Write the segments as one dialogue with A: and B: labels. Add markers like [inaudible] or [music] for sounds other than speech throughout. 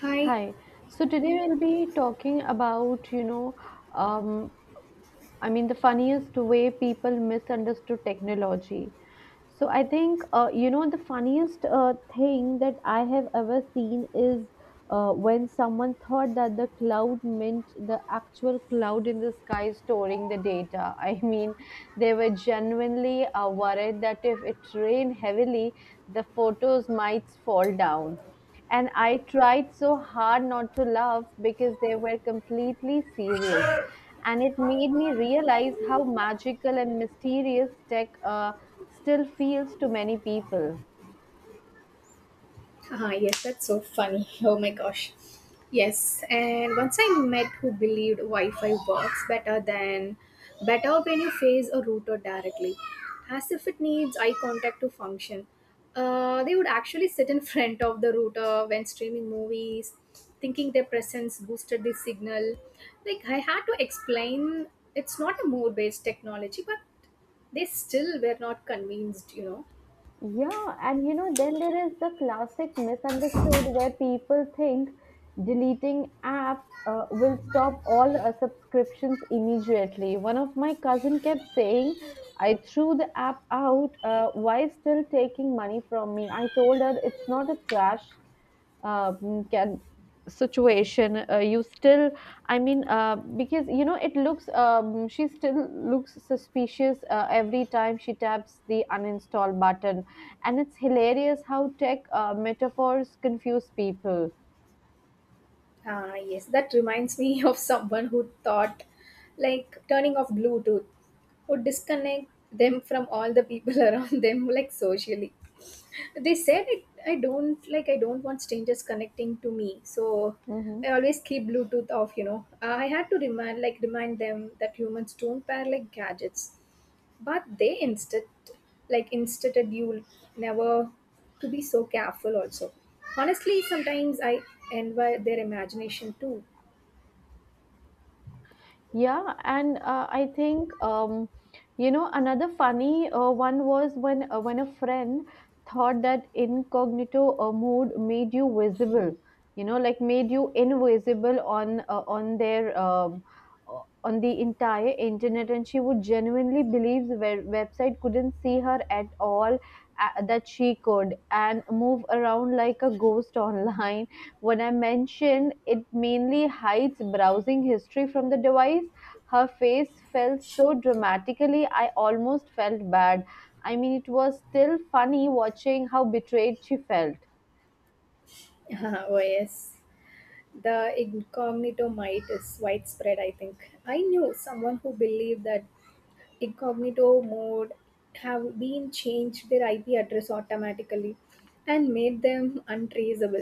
A: Hi.
B: Hi. So today we'll be talking about, you know, um, I mean, the funniest way people misunderstood technology. So I think, the funniest thing that I have ever seen is when someone thought that the cloud meant the actual cloud in the sky storing the data. [laughs] I mean, they were genuinely worried that if it rained heavily, the photos might fall down. And I tried so hard not to laugh because they were completely serious. And it made me realize how magical and mysterious tech still feels to many people.
A: Haha, yes, that's so funny. [laughs] Oh my gosh. Yes, and once I met who believed Wi-Fi works better than better when you face a router directly, as if it needs eye contact to function. They would actually [laughs] sit in front of the router when streaming movies, thinking their presence boosted the signal. Like I had to explain, it's not a mode-based technology, but they still were not convinced.
B: Yeah, and you know, then there is the classic misunderstood where people think deleting app will stop all subscriptions immediately. One of my cousin kept saying, "I threw the app out. Why still taking money from me?" I told her it's not a trash. Uh, can situation you still I mean because you know it looks, she still looks suspicious every time she taps the uninstall button, and it's hilarious how tech metaphors confuse people.
A: Ah, yes, that reminds me [laughs] of someone who thought like turning off Bluetooth would disconnect them from all the people [laughs] around them, like socially. They said it, I don't want strangers connecting to me, so
B: Hmm.
A: I always keep Bluetooth off, Ah, I had to remind, remind them that humans don't pair like gadgets, but they instead like instead you never to be so careful also, honestly sometimes I envy their imagination too.
B: Yeah, and I think you know, another funny one was when a friend thought that incognito mode made you visible, you know, like made you invisible on the entire internet, and she would genuinely believe the website couldn't see her at all, that she could, and move around like a ghost [laughs] online. When I mentioned it mainly hides browsing history from the device, her face fell so dramatically I almost felt bad. I mean, it was still funny watching how betrayed she felt.
A: [laughs] Oh yes, the incognito might is widespread. I think I knew someone who believed that incognito mode have been changed their IP address automatically and made them untraceable.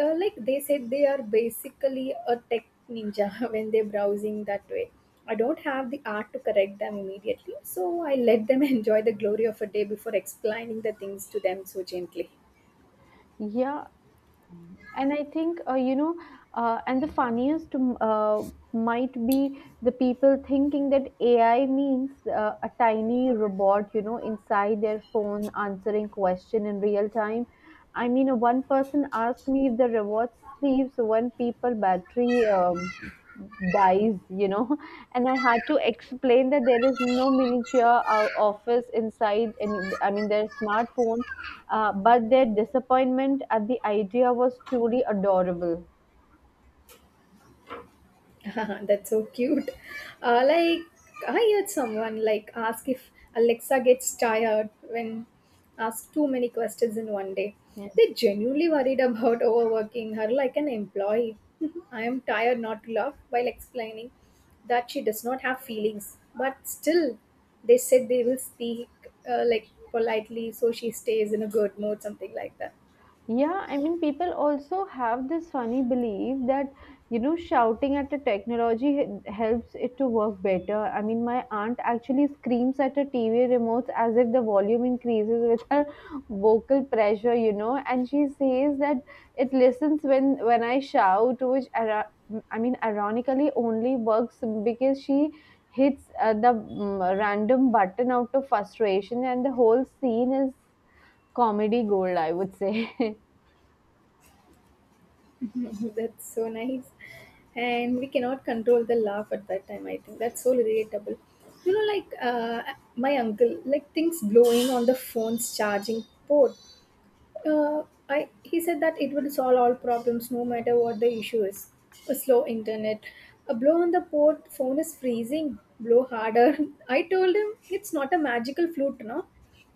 A: Like they said, they are basically a tech ninja [laughs] when they're browsing that way. I don't have the art to correct them immediately, so I let them [laughs] enjoy the glory of a day before explaining the things to them so gently.
B: Yeah, and I think you know and the funniest might be the people thinking that ai means a tiny robot, you know, inside their phone answering question in real time. One person asked me if the robot sleeps when people battery dies, you know. [laughs] And I had to explain that there is no miniature office inside and I mean their smartphone, but their disappointment at the idea was truly adorable.
A: [laughs] That's so cute. Like I heard someone like ask if Alexa gets tired when asked too many questions in one day.
B: Hmm.
A: They genuinely worried about [laughs] overworking her like an employee. [laughs] I am tired not love. While explaining that she does not have feelings, but still they said they will speak like politely so she stays in a good mood, something like that.
B: Yeah, I mean, people also have this funny belief that, you know, shouting at a technology helps it to work better. I mean, my aunt actually screams at her TV remotes as if the volume increases with her [laughs] vocal pressure, you know, and she says that it listens when I shout, which ironically only works because she hits the random button out of frustration, and the whole scene is comedy gold, I would say. [laughs]
A: [laughs] That's so nice. And we cannot control the laugh at that time, I think. That's so relatable. You know, like uh, my uncle, like things blowing on the phone's charging port. Uh, I He said that it will solve all problems no matter what the issue is. A slow internet. A blow on the port, phone is freezing. Blow harder. [laughs] I told him it's not a magical flute, no?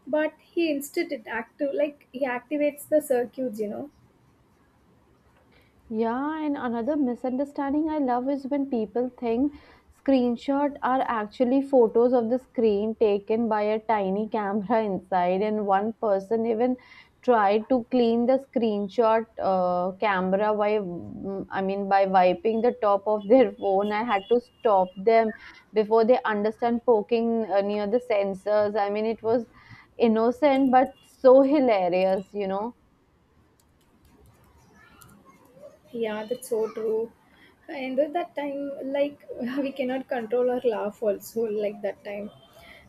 A: But he instead it active like he activates the circuits, you know.
B: Yeah, and another misunderstanding I love is when people think screenshot are actually photos of the screen taken by a tiny camera [laughs] inside, and one person even tried to clean the screenshot camera by wiping the top of their [laughs] phone. I had to stop them before they understand poking near the sensors. I mean, it was innocent but so [laughs] hilarious, you know.
A: Yeah, that's so true. And at that time, like [laughs] we cannot control our laugh also, like that time.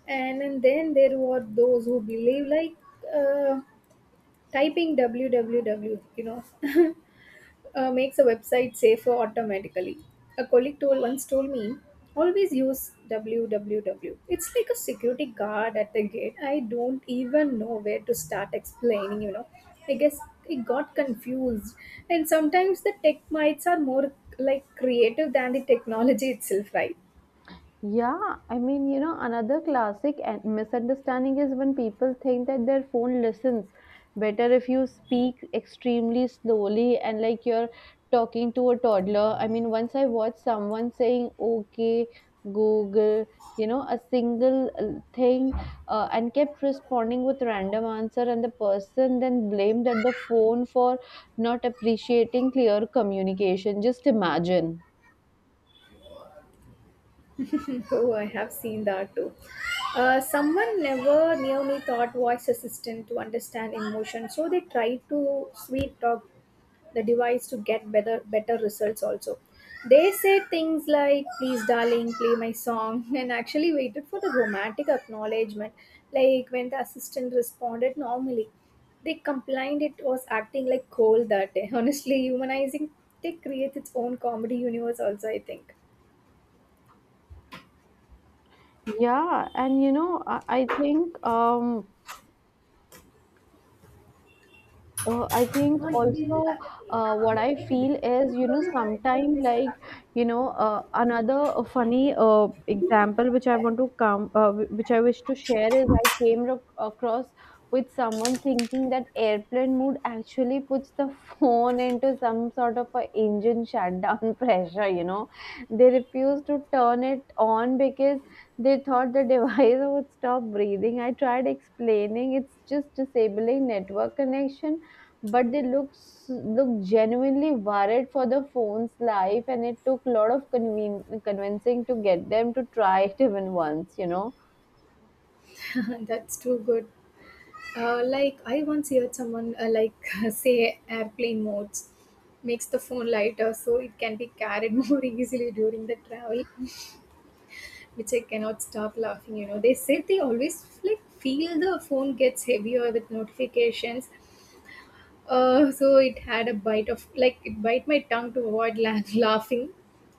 A: And then there were those who believe like uh, typing www, makes a website safer automatically. A colleague told once told me, always use www. It's like a security guard at the gate. I don't even know where to start explaining, you know. I guess it got confused. And sometimes the tech mites are more like creative than the technology itself, right?
B: Yeah, I mean, you know, another classic and misunderstanding is when people think that their phone listens better if you speak extremely slowly and like you're talking to a toddler. I mean, once I watched someone saying, okay, Google, you know, a single thing, and kept responding with random answer, and the person then blamed at the phone for not appreciating clear communication. Just imagine.
A: Oh, I have seen that too. Someone never near me thought voice assistant to understand emotion, so they tried to sweet talk the device to get better results also. They said things like please darling play my song, [laughs] and actually waited for the romantic acknowledgement. Like when the assistant responded normally, they complained it was acting like coal that day. [laughs] Honestly humanizing tech creates its own comedy universe also, I think.
B: Yeah, and you know, I think also what I feel is, you know, sometimes like, you know,
A: [laughs]
B: another funny example which I want to come, wh- which I wish to share is I came across with someone thinking that airplane mode actually puts the [laughs] phone into some sort of a engine shutdown [laughs] pressure, you know. They refused to turn it on because they thought the [laughs] device would stop breathing. I tried explaining it's just disabling network connection, but they look genuinely worried for the phone's life, and it took a lot of convincing to get them to try it [laughs] even once, you know.
A: That's too good. Like I once heard someone like [laughs] say airplane modes makes the phone lighter so it can be carried [laughs] more easily during the travel, which I cannot stop laughing. You know, they said they always like feel the phone gets heavier with notifications. So it had a bite of like it bite my tongue to avoid [laughs] laughing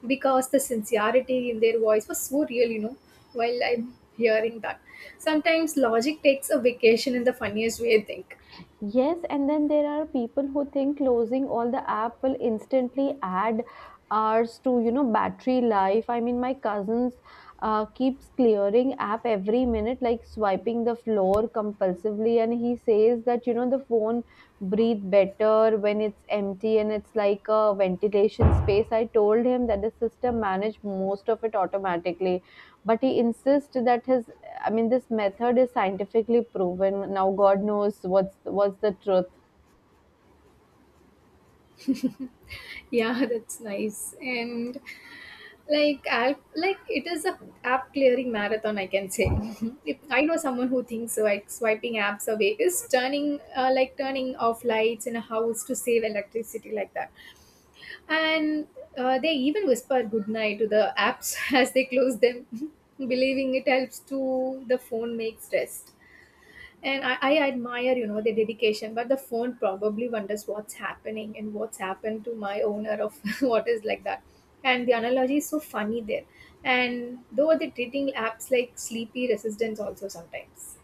A: because the sincerity in their voice was so real. You know, while I'm hearing that, sometimes logic takes a vacation in the funniest way. I think.
B: Yes, and then there are people who think closing all the app will instantly add hours to, you know, battery life. I mean, my cousins keeps clearing app every minute, like swiping the floor compulsively, and he says that, you know, the phone breathe better when it's empty and it's like a ventilation space. I told him that the system manage most of it automatically, but he insists that this method is scientifically proven. Now, God knows what's the truth.
A: Yeah, [laughs] that's nice. Like it is a app clearing marathon, I can say. [laughs] If I know someone who thinks so, like swiping apps away is turning turning off lights in a house to save electricity like that. And they even whisper goodnight to the apps [laughs] as they close them, [laughs] believing it helps to the phone makes rest. And I admire, you know, the dedication, but the phone probably wonders what's happening and what's happened to my owner of [laughs] what is like that. And the analogy is so funny there. And though they're treating apps like sleepy resistance also sometimes.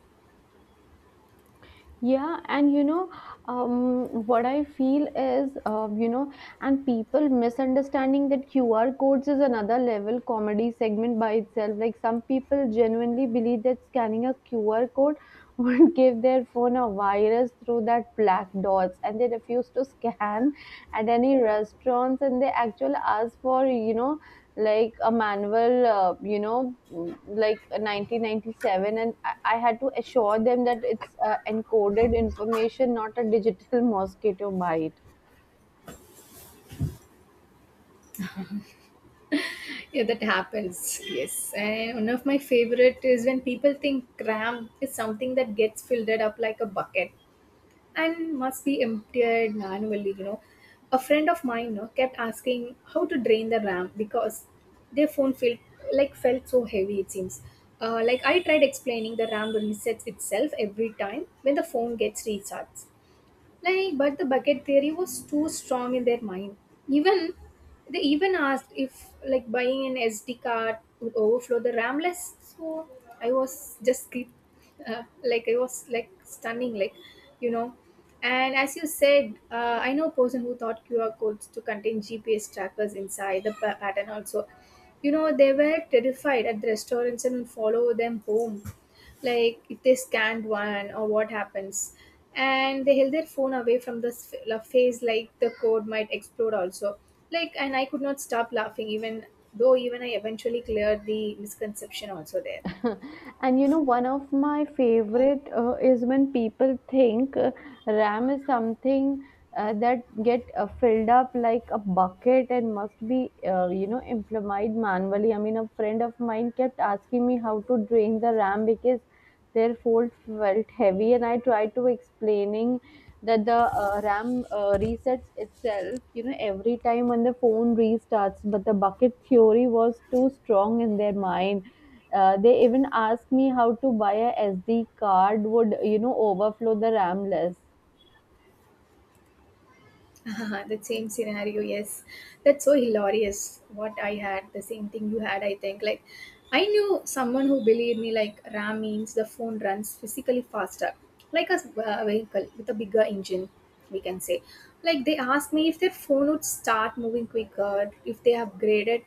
B: Yeah, and you know, what I feel is, you know, and people misunderstanding that QR codes is another level comedy segment by itself. Like some people genuinely believe that scanning a QR code would [laughs] give their phone a virus through that black dots, and they refuse to scan at any restaurants, and they actually ask for, you know, like a manual, like a 1997, and I had to assure them that it's encoded information, not a digital [laughs] mosquito bite.
A: Yeah, that happens. Yes. And one of my favorite is when people think RAM is something that gets filled up like a bucket and must be emptied manually, you know. A friend of mine, you know, kept asking how to drain the ram because their phone felt so heavy, it seems. I tried explaining the ram resets itself every time when the phone gets recharged, but the bucket theory was too strong in their mind. Even they even asked if like buying an SD card would overflow the RAM less. So I was just keep like I was like stunning, like you know. And as you said, I know a person who thought QR codes to contain GPS trackers inside the pattern also. You know, they were terrified at the restaurants and would follow them home, like if they scanned one or what happens, and they held their phone away from the face, like the code might explode also. Like, and I could not stop laughing, even though even I eventually cleared the misconception also there.
B: [laughs] And you know, one of my favorite is when people think RAM is something that get filled up like a bucket and must be, you know, implemented manually. I mean, a friend of mine kept asking me how to drain the RAM because their fold felt heavy, and I tried to explaining that the RAM resets itself, you know, every time when the phone restarts. But the bucket theory was too strong in their mind. They even asked me how to buy a SD card would, you know, overflow the RAM list.
A: [laughs] The same scenario, yes, that's so hilarious. What I had the same thing you had, I think. Like I knew someone who believed me like ram means the phone runs physically faster, like a vehicle with a bigger engine, we can say. Like they asked me if their phone would start moving quicker if they upgraded.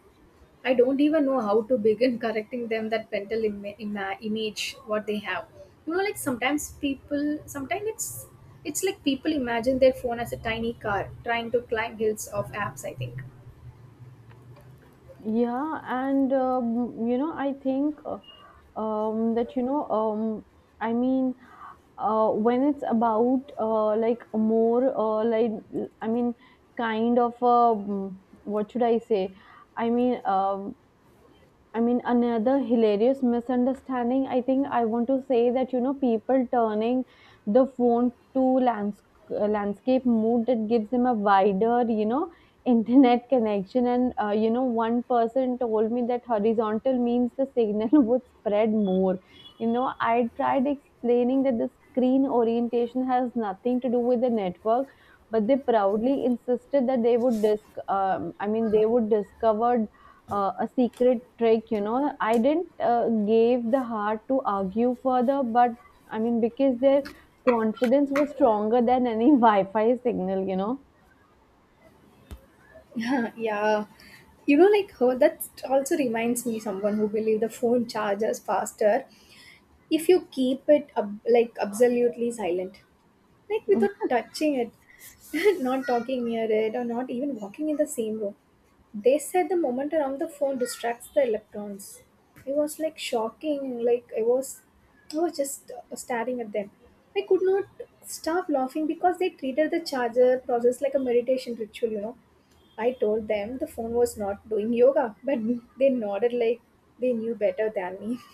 A: I don't even know how to begin [laughs] correcting them that mental image what they have. You know, like sometimes people, sometimes it's like people imagine their phone as a tiny car trying to climb hills of apps. I think.
B: Yeah, and you know, I think that you know, I mean, when it's about like a more like I mean kind of a mm, what should I say I mean I mean, another hilarious misunderstanding, I think I want to say that, you know, people turning the phone to lands- landscape mode that gives them a wider, you know, internet connection. And, you know, one person told me that horizontal means the signal [laughs] would spread more. You know, I tried explaining that the screen orientation has nothing to do with the network, but they proudly insisted that they would discover a secret trick, you know. I didn't gave the heart to argue further, but because their confidence was stronger than any [laughs] wi-fi signal, you know.
A: [laughs] Yeah. You know, like her. That also reminds me someone who believe the phone charges faster if you keep it like absolutely silent. Like without touching it, [laughs] not talking near it, or not even walking in the same room. They said the moment around the phone distracts the electrons. It was like shocking. I was just staring at them. I could not stop laughing because they treated the charger process like a meditation ritual. You know, I told them the phone was not doing yoga, but they nodded like they knew better than me. [laughs]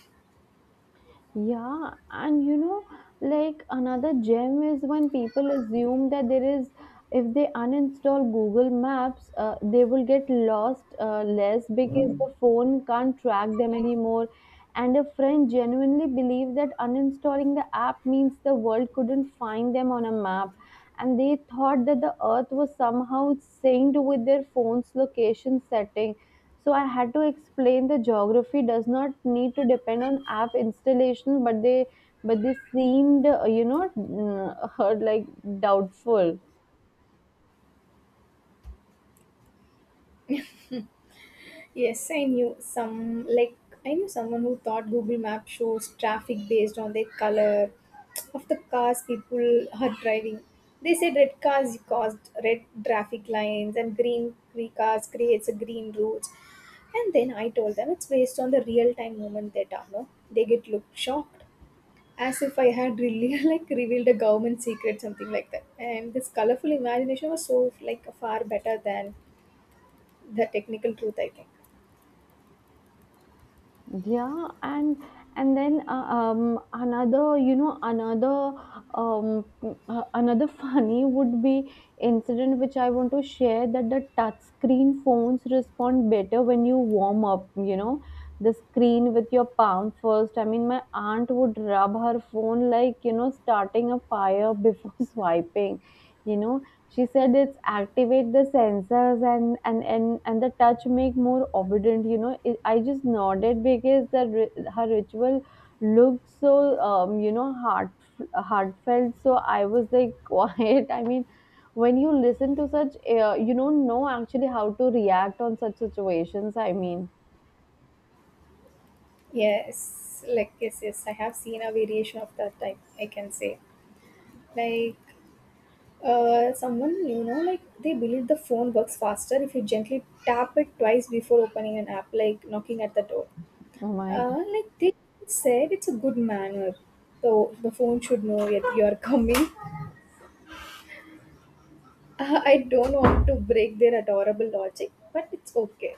B: Yeah, and you know, like another gem is when people assume that there is, if they uninstall Google Maps, they will get lost less because the phone can't track them anymore. And a friend genuinely believed that uninstalling the app means the world couldn't find them on a map. And they thought that the earth was somehow synced with their phone's location setting, so I had to explain the geography does not need to depend on app installation, but they seemed [laughs] like doubtful.
A: Yes, I knew someone who thought Google Map shows traffic based on the color of the cars people are driving. They said red cars caused red traffic lines and green cars creates a green route. And then I told them it's based on the real time moment data. No, they get looked shocked, as if I had really [laughs] like revealed a government secret, something like that. And this colorful imagination was so like far better than the technical truth, I think.
B: Yeah and then another you know another um another [laughs] funny would be incident which I want to share, that the touch screen phones respond better when you warm up, you know, the screen with your palm first. I mean, my aunt would rub her phone like, you know, starting a fire before [laughs] swiping, you know. She said it's activate the sensors, and the touch make more obedient. You know, it, I just nodded because the her ritual looked so, you know, heartfelt. So I was like [laughs] quiet. I mean, when you listen to such, you don't know actually how to react on such situations. I mean,
A: Yes, I have seen a variation of that type, I can say. Like someone, you know, like they believe the phone works faster if you gently tap it twice before opening an app, like knocking at the door.
B: oh my.
A: Like they said it's a good manner, so the phone should know that you're coming. I don't want to break their adorable logic, but it's okay,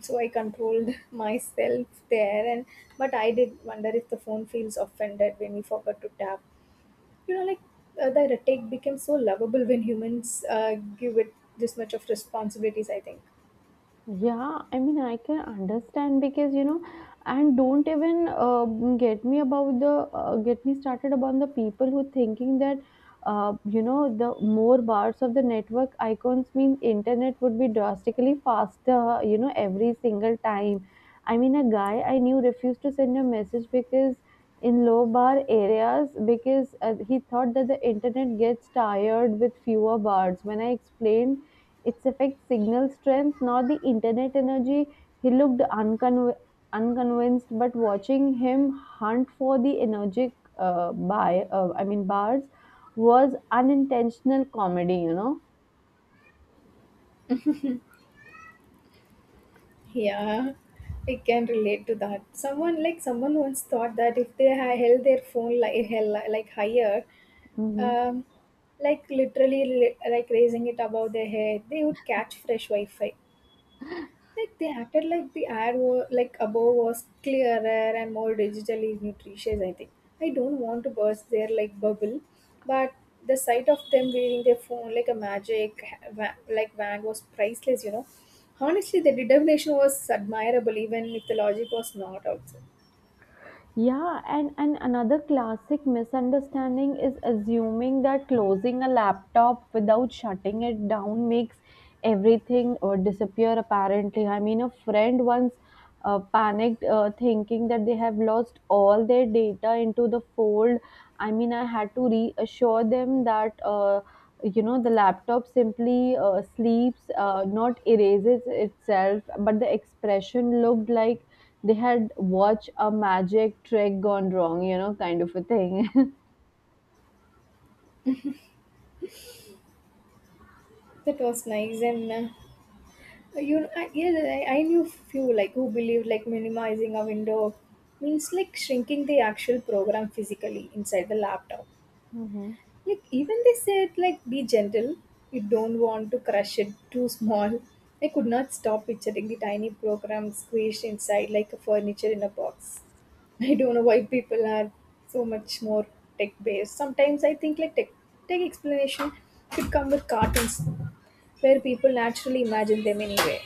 A: so I controlled [laughs] myself there. And but I did wonder if the phone feels offended when we forgot to tap, you know like the take became so lovable when humans give it this much of responsibilities, I think.
B: Yeah, I mean, I can understand because you know, and don't even get me started about the people who thinking that, you know, the more bars of the network icons mean internet would be drastically faster. You know, every single time. I mean, a guy I knew refused to send a message because in low bar areas, because he thought that the internet gets tired with fewer bars. When I explained its affects signal strength, not the internet energy, he looked unconvinced, but watching him hunt for the energetic by I mean bars was unintentional comedy, you know.
A: Yeah, I can relate to that. Someone once thought that if they held their phone like higher,
B: Mhm.
A: um, like literally like raising it above their head, they would catch fresh Wi-Fi. Like they acted like the ad were like above was clearer and more digitally nutritious, I think. I don't want to burst their like bubble, but the sight of them wearing their phone like a magic like wand was priceless. You know, honestly, the determination was admirable, even if the logic was not also.
B: Yeah, and another classic misunderstanding is assuming that closing a laptop without shutting it down makes everything disappear, apparently. I mean, a friend once panicked, thinking that they have lost all their data into the fold. I mean, I had to reassure them that you know, the laptop simply sleeps, not erases itself, but the expression looked like they had watched a magic trick gone wrong, kind of a thing. [laughs]
A: That was nice and. You I, yeah I knew few like who believed like minimizing a window means like shrinking the actual program physically inside the laptop.
B: Hmm.
A: Like even they said like be gentle, you don't want to crush it too small. I could not stop picturing the tiny program squeezed inside like a furniture in a box. [laughs] I don't know why people are so much more tech based. Sometimes I think like tech explanation should come with cartoons where people naturally imagine them anyway.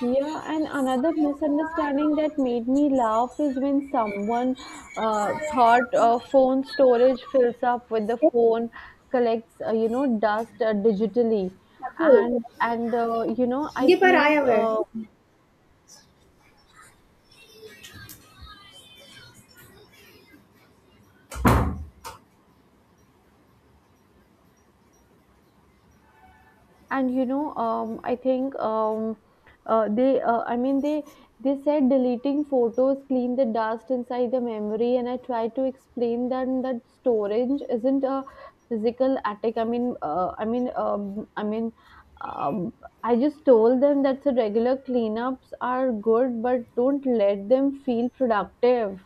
B: Yeah, and another misunderstanding that made me laugh is when someone thought phone storage fills up with the phone collects, you know, dust, digitally.
A: Yes, true.
B: And I
A: இங்க பாரு
B: think
A: ஆயாவை.
B: and you know I think uh, they uh, i mean they they said deleting photos clean the dust inside the memory, and I tried to explain them that storage isn't a physical attic. I mean I mean I mean um, I just told them that the regular cleanups are good, but don't let them feel productive.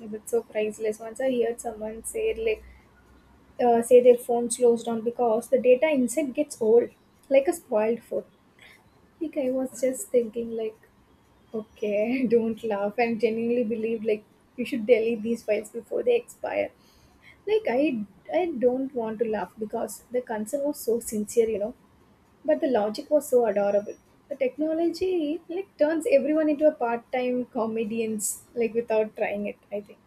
A: That's so priceless. Once I heard someone say like say their phone slows down because the data inside gets old, like a spoiled phone. Like I was just thinking, like, okay, [laughs] don't laugh. I genuinely believe like you should delete these files before they expire. Like I, don't want to laugh because the concern was so sincere, you know, but the logic was so adorable. The technology like turns everyone into a part-time comedians, like without trying it. I think.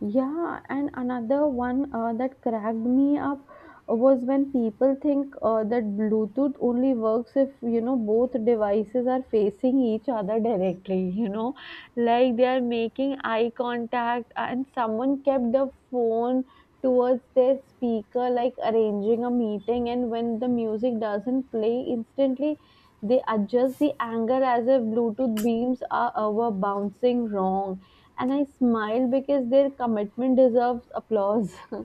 B: Yeah, and another one that cracked me up was when people think that Bluetooth only works if, you know, both devices are facing each other directly, [laughs] you know, like they are making eye contact, and someone kept the phone towards their speaker, like arranging a meeting, and when the music doesn't play instantly. They adjust the angle as if Bluetooth beams are, were bouncing wrong, and I smile because their commitment deserves applause. [laughs]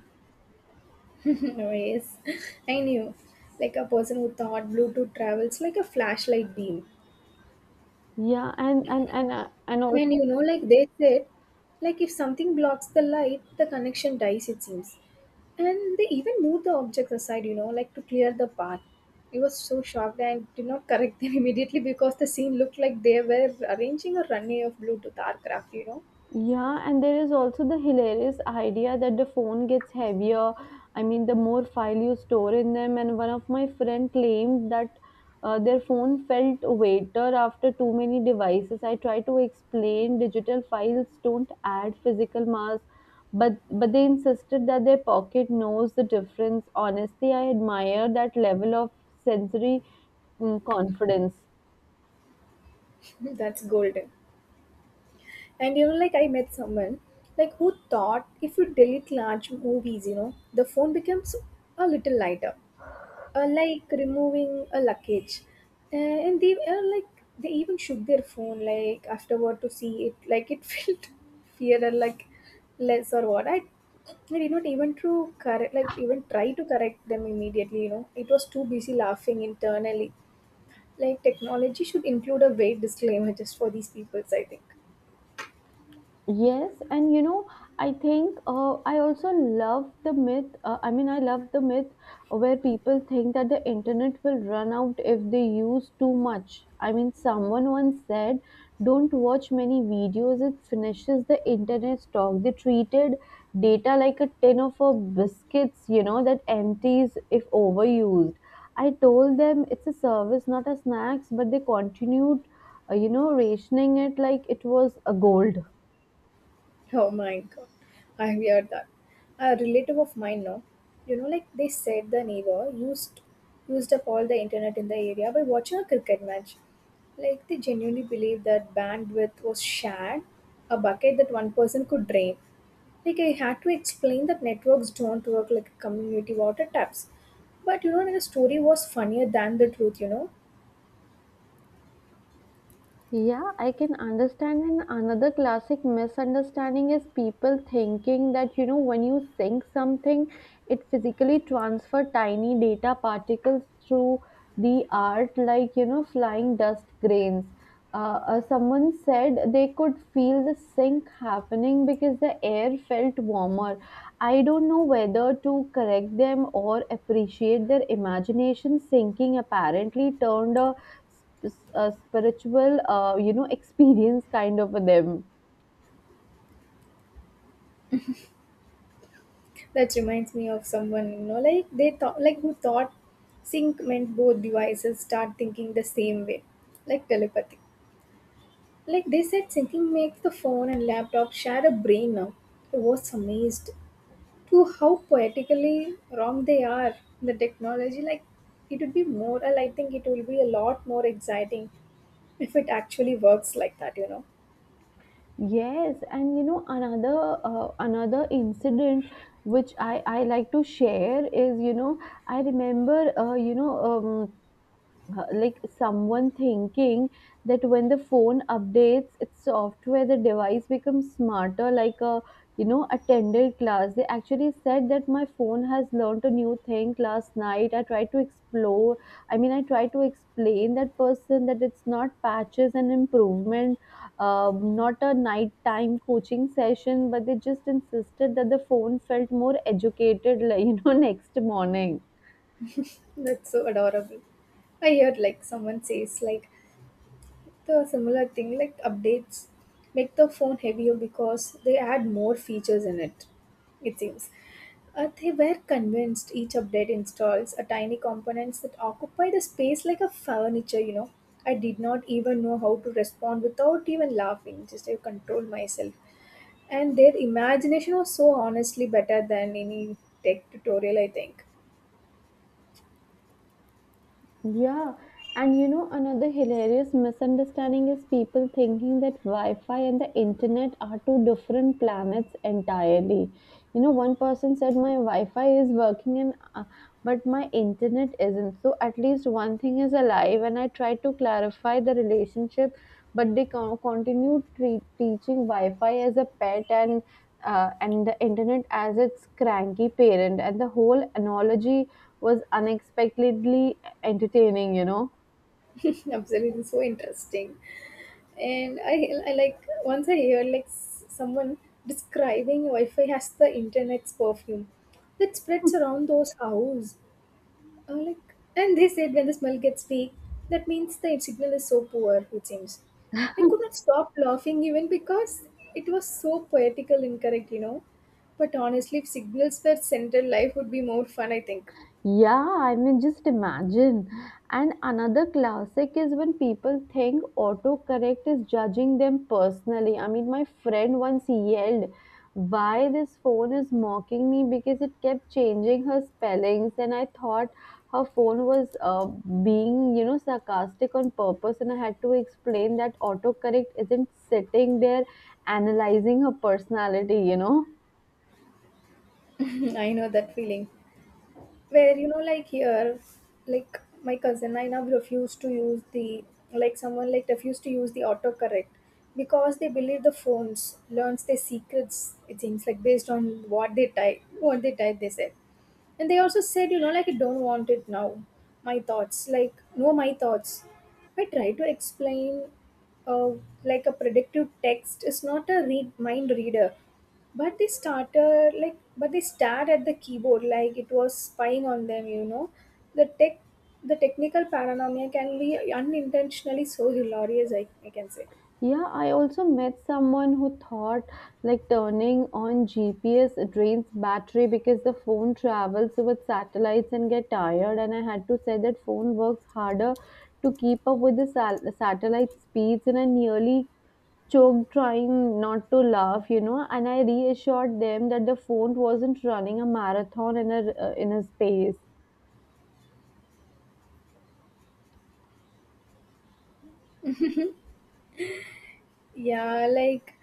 A: [laughs] Rays. I knew. Like a person who thought Bluetooth travels like a flashlight beam.
B: Yeah, and
A: And
B: also.
A: you know, like they said, like if something blocks the light, the connection dies, it seems. And they even moved the objects aside, you know, like to clear the path. I was so shocked and did not correct them [laughs] immediately because the scene looked like they were arranging a runway of Bluetooth aircraft, you know.
B: Yeah, and there is also the hilarious idea that the phone gets heavier, I mean, the more file you store in them. And one of my friend claimed that their phone felt weighter after too many devices. I try to explain digital files don't add physical mass, but they insisted that their pocket knows the difference. Honestly, I admire that level of sensory, confidence.
A: [laughs] That's golden. And you know, like I met someone like who thought if you delete large movies, you know, the phone becomes a little lighter, like removing a luggage. And they Like they even shook their phone like afterward to see it, like it [laughs] felt fear and like less or what. I did not even to correct, like even try to correct them immediately. You know, it was too busy laughing internally. Like technology should include a weight disclaimer just for these peoples, I think.
B: Yes, and you know, I think, I also love the myth. I mean, I love the myth where people think that the internet will run out if they use too much. I mean, someone once said, "Don't watch many videos; it finishes the internet stock." They treated data like a tin of biscuits, you know, that empties if overused. I told them it's a service, not a snacks, but they continued, you know, rationing it like it was a gold.
A: Oh my god, I heard that. A relative of mine now, you know, like they said the neighbor used up all the internet in the area by watching a cricket match. Like they genuinely believed that bandwidth was shared, a bucket that one person could drain. Like I had to explain that networks don't work like community water taps. But you know, the story was funnier than the truth, you know.
B: Yeah, I can understand. And another classic misunderstanding is people thinking that, you know, when you sync something, it physically transfer tiny data particles through the art, like, you know, flying dust grains. Someone said they could feel the sync happening because the air felt warmer. I don't know whether to correct them or appreciate their imagination. Sinking apparently turned a, a spiritual, you know, [laughs] experience, kind of a them.
A: That reminds me of someone, you know, like they thought, like who thought sync meant both devices start thinking the same way, like telepathy. Like they said, syncing makes the phone and laptop share a brain now. I was amazed to how poetically wrong they are. The technology, like it would be more, I think it will be a lot more exciting if it actually works like that, you know.
B: Yes, and you know, another incident which I like to share is, you know, I remember, like someone thinking that when the phone updates its software, the device becomes smarter, like a, you know, attended class. They actually said that my phone has learned a new thing last night. I tried to explain that person that it's not patches and improvement, not a nighttime coaching session, but they just insisted that the phone felt more educated, like, [laughs] you know, next morning.
A: That's so adorable. I heard like someone says like the similar thing like updates make the phone heavier because they add more features in it, it seems. They were convinced each update installs a tiny components that occupy the space like a furniture, you know. I did not even know how to respond without even laughing, just I controlled myself. And their imagination was so honestly better than any tech tutorial, I think.
B: Yeah, and you know, another hilarious misunderstanding is people thinking that Wi Fi and the internet are two different planets entirely. You know, one person said my Wi Fi is working and, but my internet isn't, so at least one thing is alive, and I tried to clarify the relationship, but they continue teaching Wi Fi as a pet and the internet as its cranky parent, and the whole analogy was unexpectedly entertaining, you know.
A: [laughs] Absolutely, so interesting. And I like once I hear like someone describing Wi-Fi as the internet's perfume that spreads around those houses. I'm like, and they said when the smell gets weak, that means the signal is so poor. It seems. I could not stop laughing even because it was so poetical incorrect, you know. But honestly, if signals were central, life would be more fun. I think.
B: Yeah, I mean, just imagine. And another classic is when people think autocorrect is judging them personally. I mean, my friend once yelled, "Why this phone is mocking me?" because it kept changing her spellings, and I thought her phone was, being, you know, sarcastic on purpose. And I had to explain that autocorrect isn't sitting there analyzing her personality, you know.
A: [laughs] I know that feeling. Where you know like here like my cousin I now refused to use the like someone like refused to use the autocorrect because they believe the phones learns their secrets, it seems, like based on what they type they said. And they also said, you know, like, I don't want it now. My thoughts, like, no, my thoughts. I try to explain, uh, like, a predictive text is not a read mind reader. But they stared at the keyboard like it was spying on them, you know. The tech, the technical paranoia can be unintentionally so hilarious, I can say.
B: Yeah, I also met someone who thought like turning on GPS drains battery because the phone travels with satellites and get tired, and I had to say that phone works harder to keep up with the satellite speeds, and I nearly choked trying not to laugh, you know, and I reassured them that the phone wasn't running a marathon in a, in a space.
A: Yeah, like,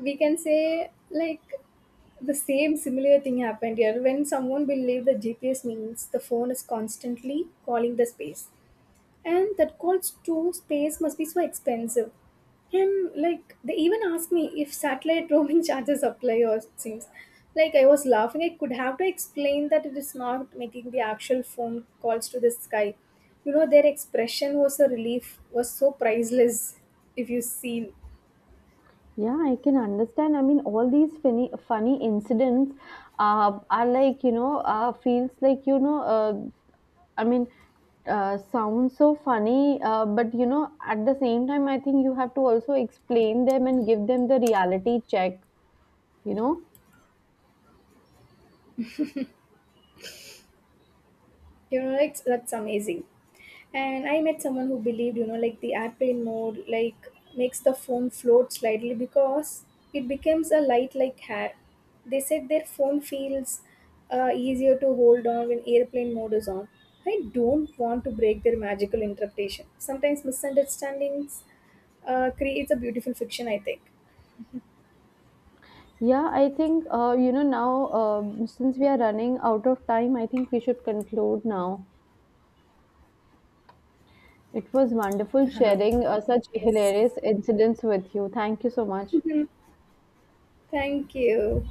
A: we can say like the same similar thing happened here when someone will leave the GPS means the phone is constantly calling the space, and that calls to space must be so expensive, and like they even asked me if satellite roaming [laughs] charges apply or things like. I was laughing. I could have to explain that it is not making the actual phone calls to the sky, you know. Their expression was a relief was so priceless, if you see.
B: Yeah, I can understand. I mean, all these funny, funny incidents are like, you know, feels like, you know, I mean, sounds so funny, but you know, at the same time, I think you have to also explain them and give them the reality check, you know.
A: You know, like that's amazing. And I met someone who believed, you know, like the airplane mode like makes the phone float slightly because it becomes a light like hair. They said their phone feels easier to hold on when airplane mode is on. I don't want to break their magical interpretation. Sometimes misunderstandings creates a beautiful fiction, I think.
B: Yeah, I think, you know, now, since we are running out of time, I think we should conclude now. It was wonderful sharing such
A: [laughs] Yes,
B: hilarious incidents with you. Thank you so much.
A: thank you.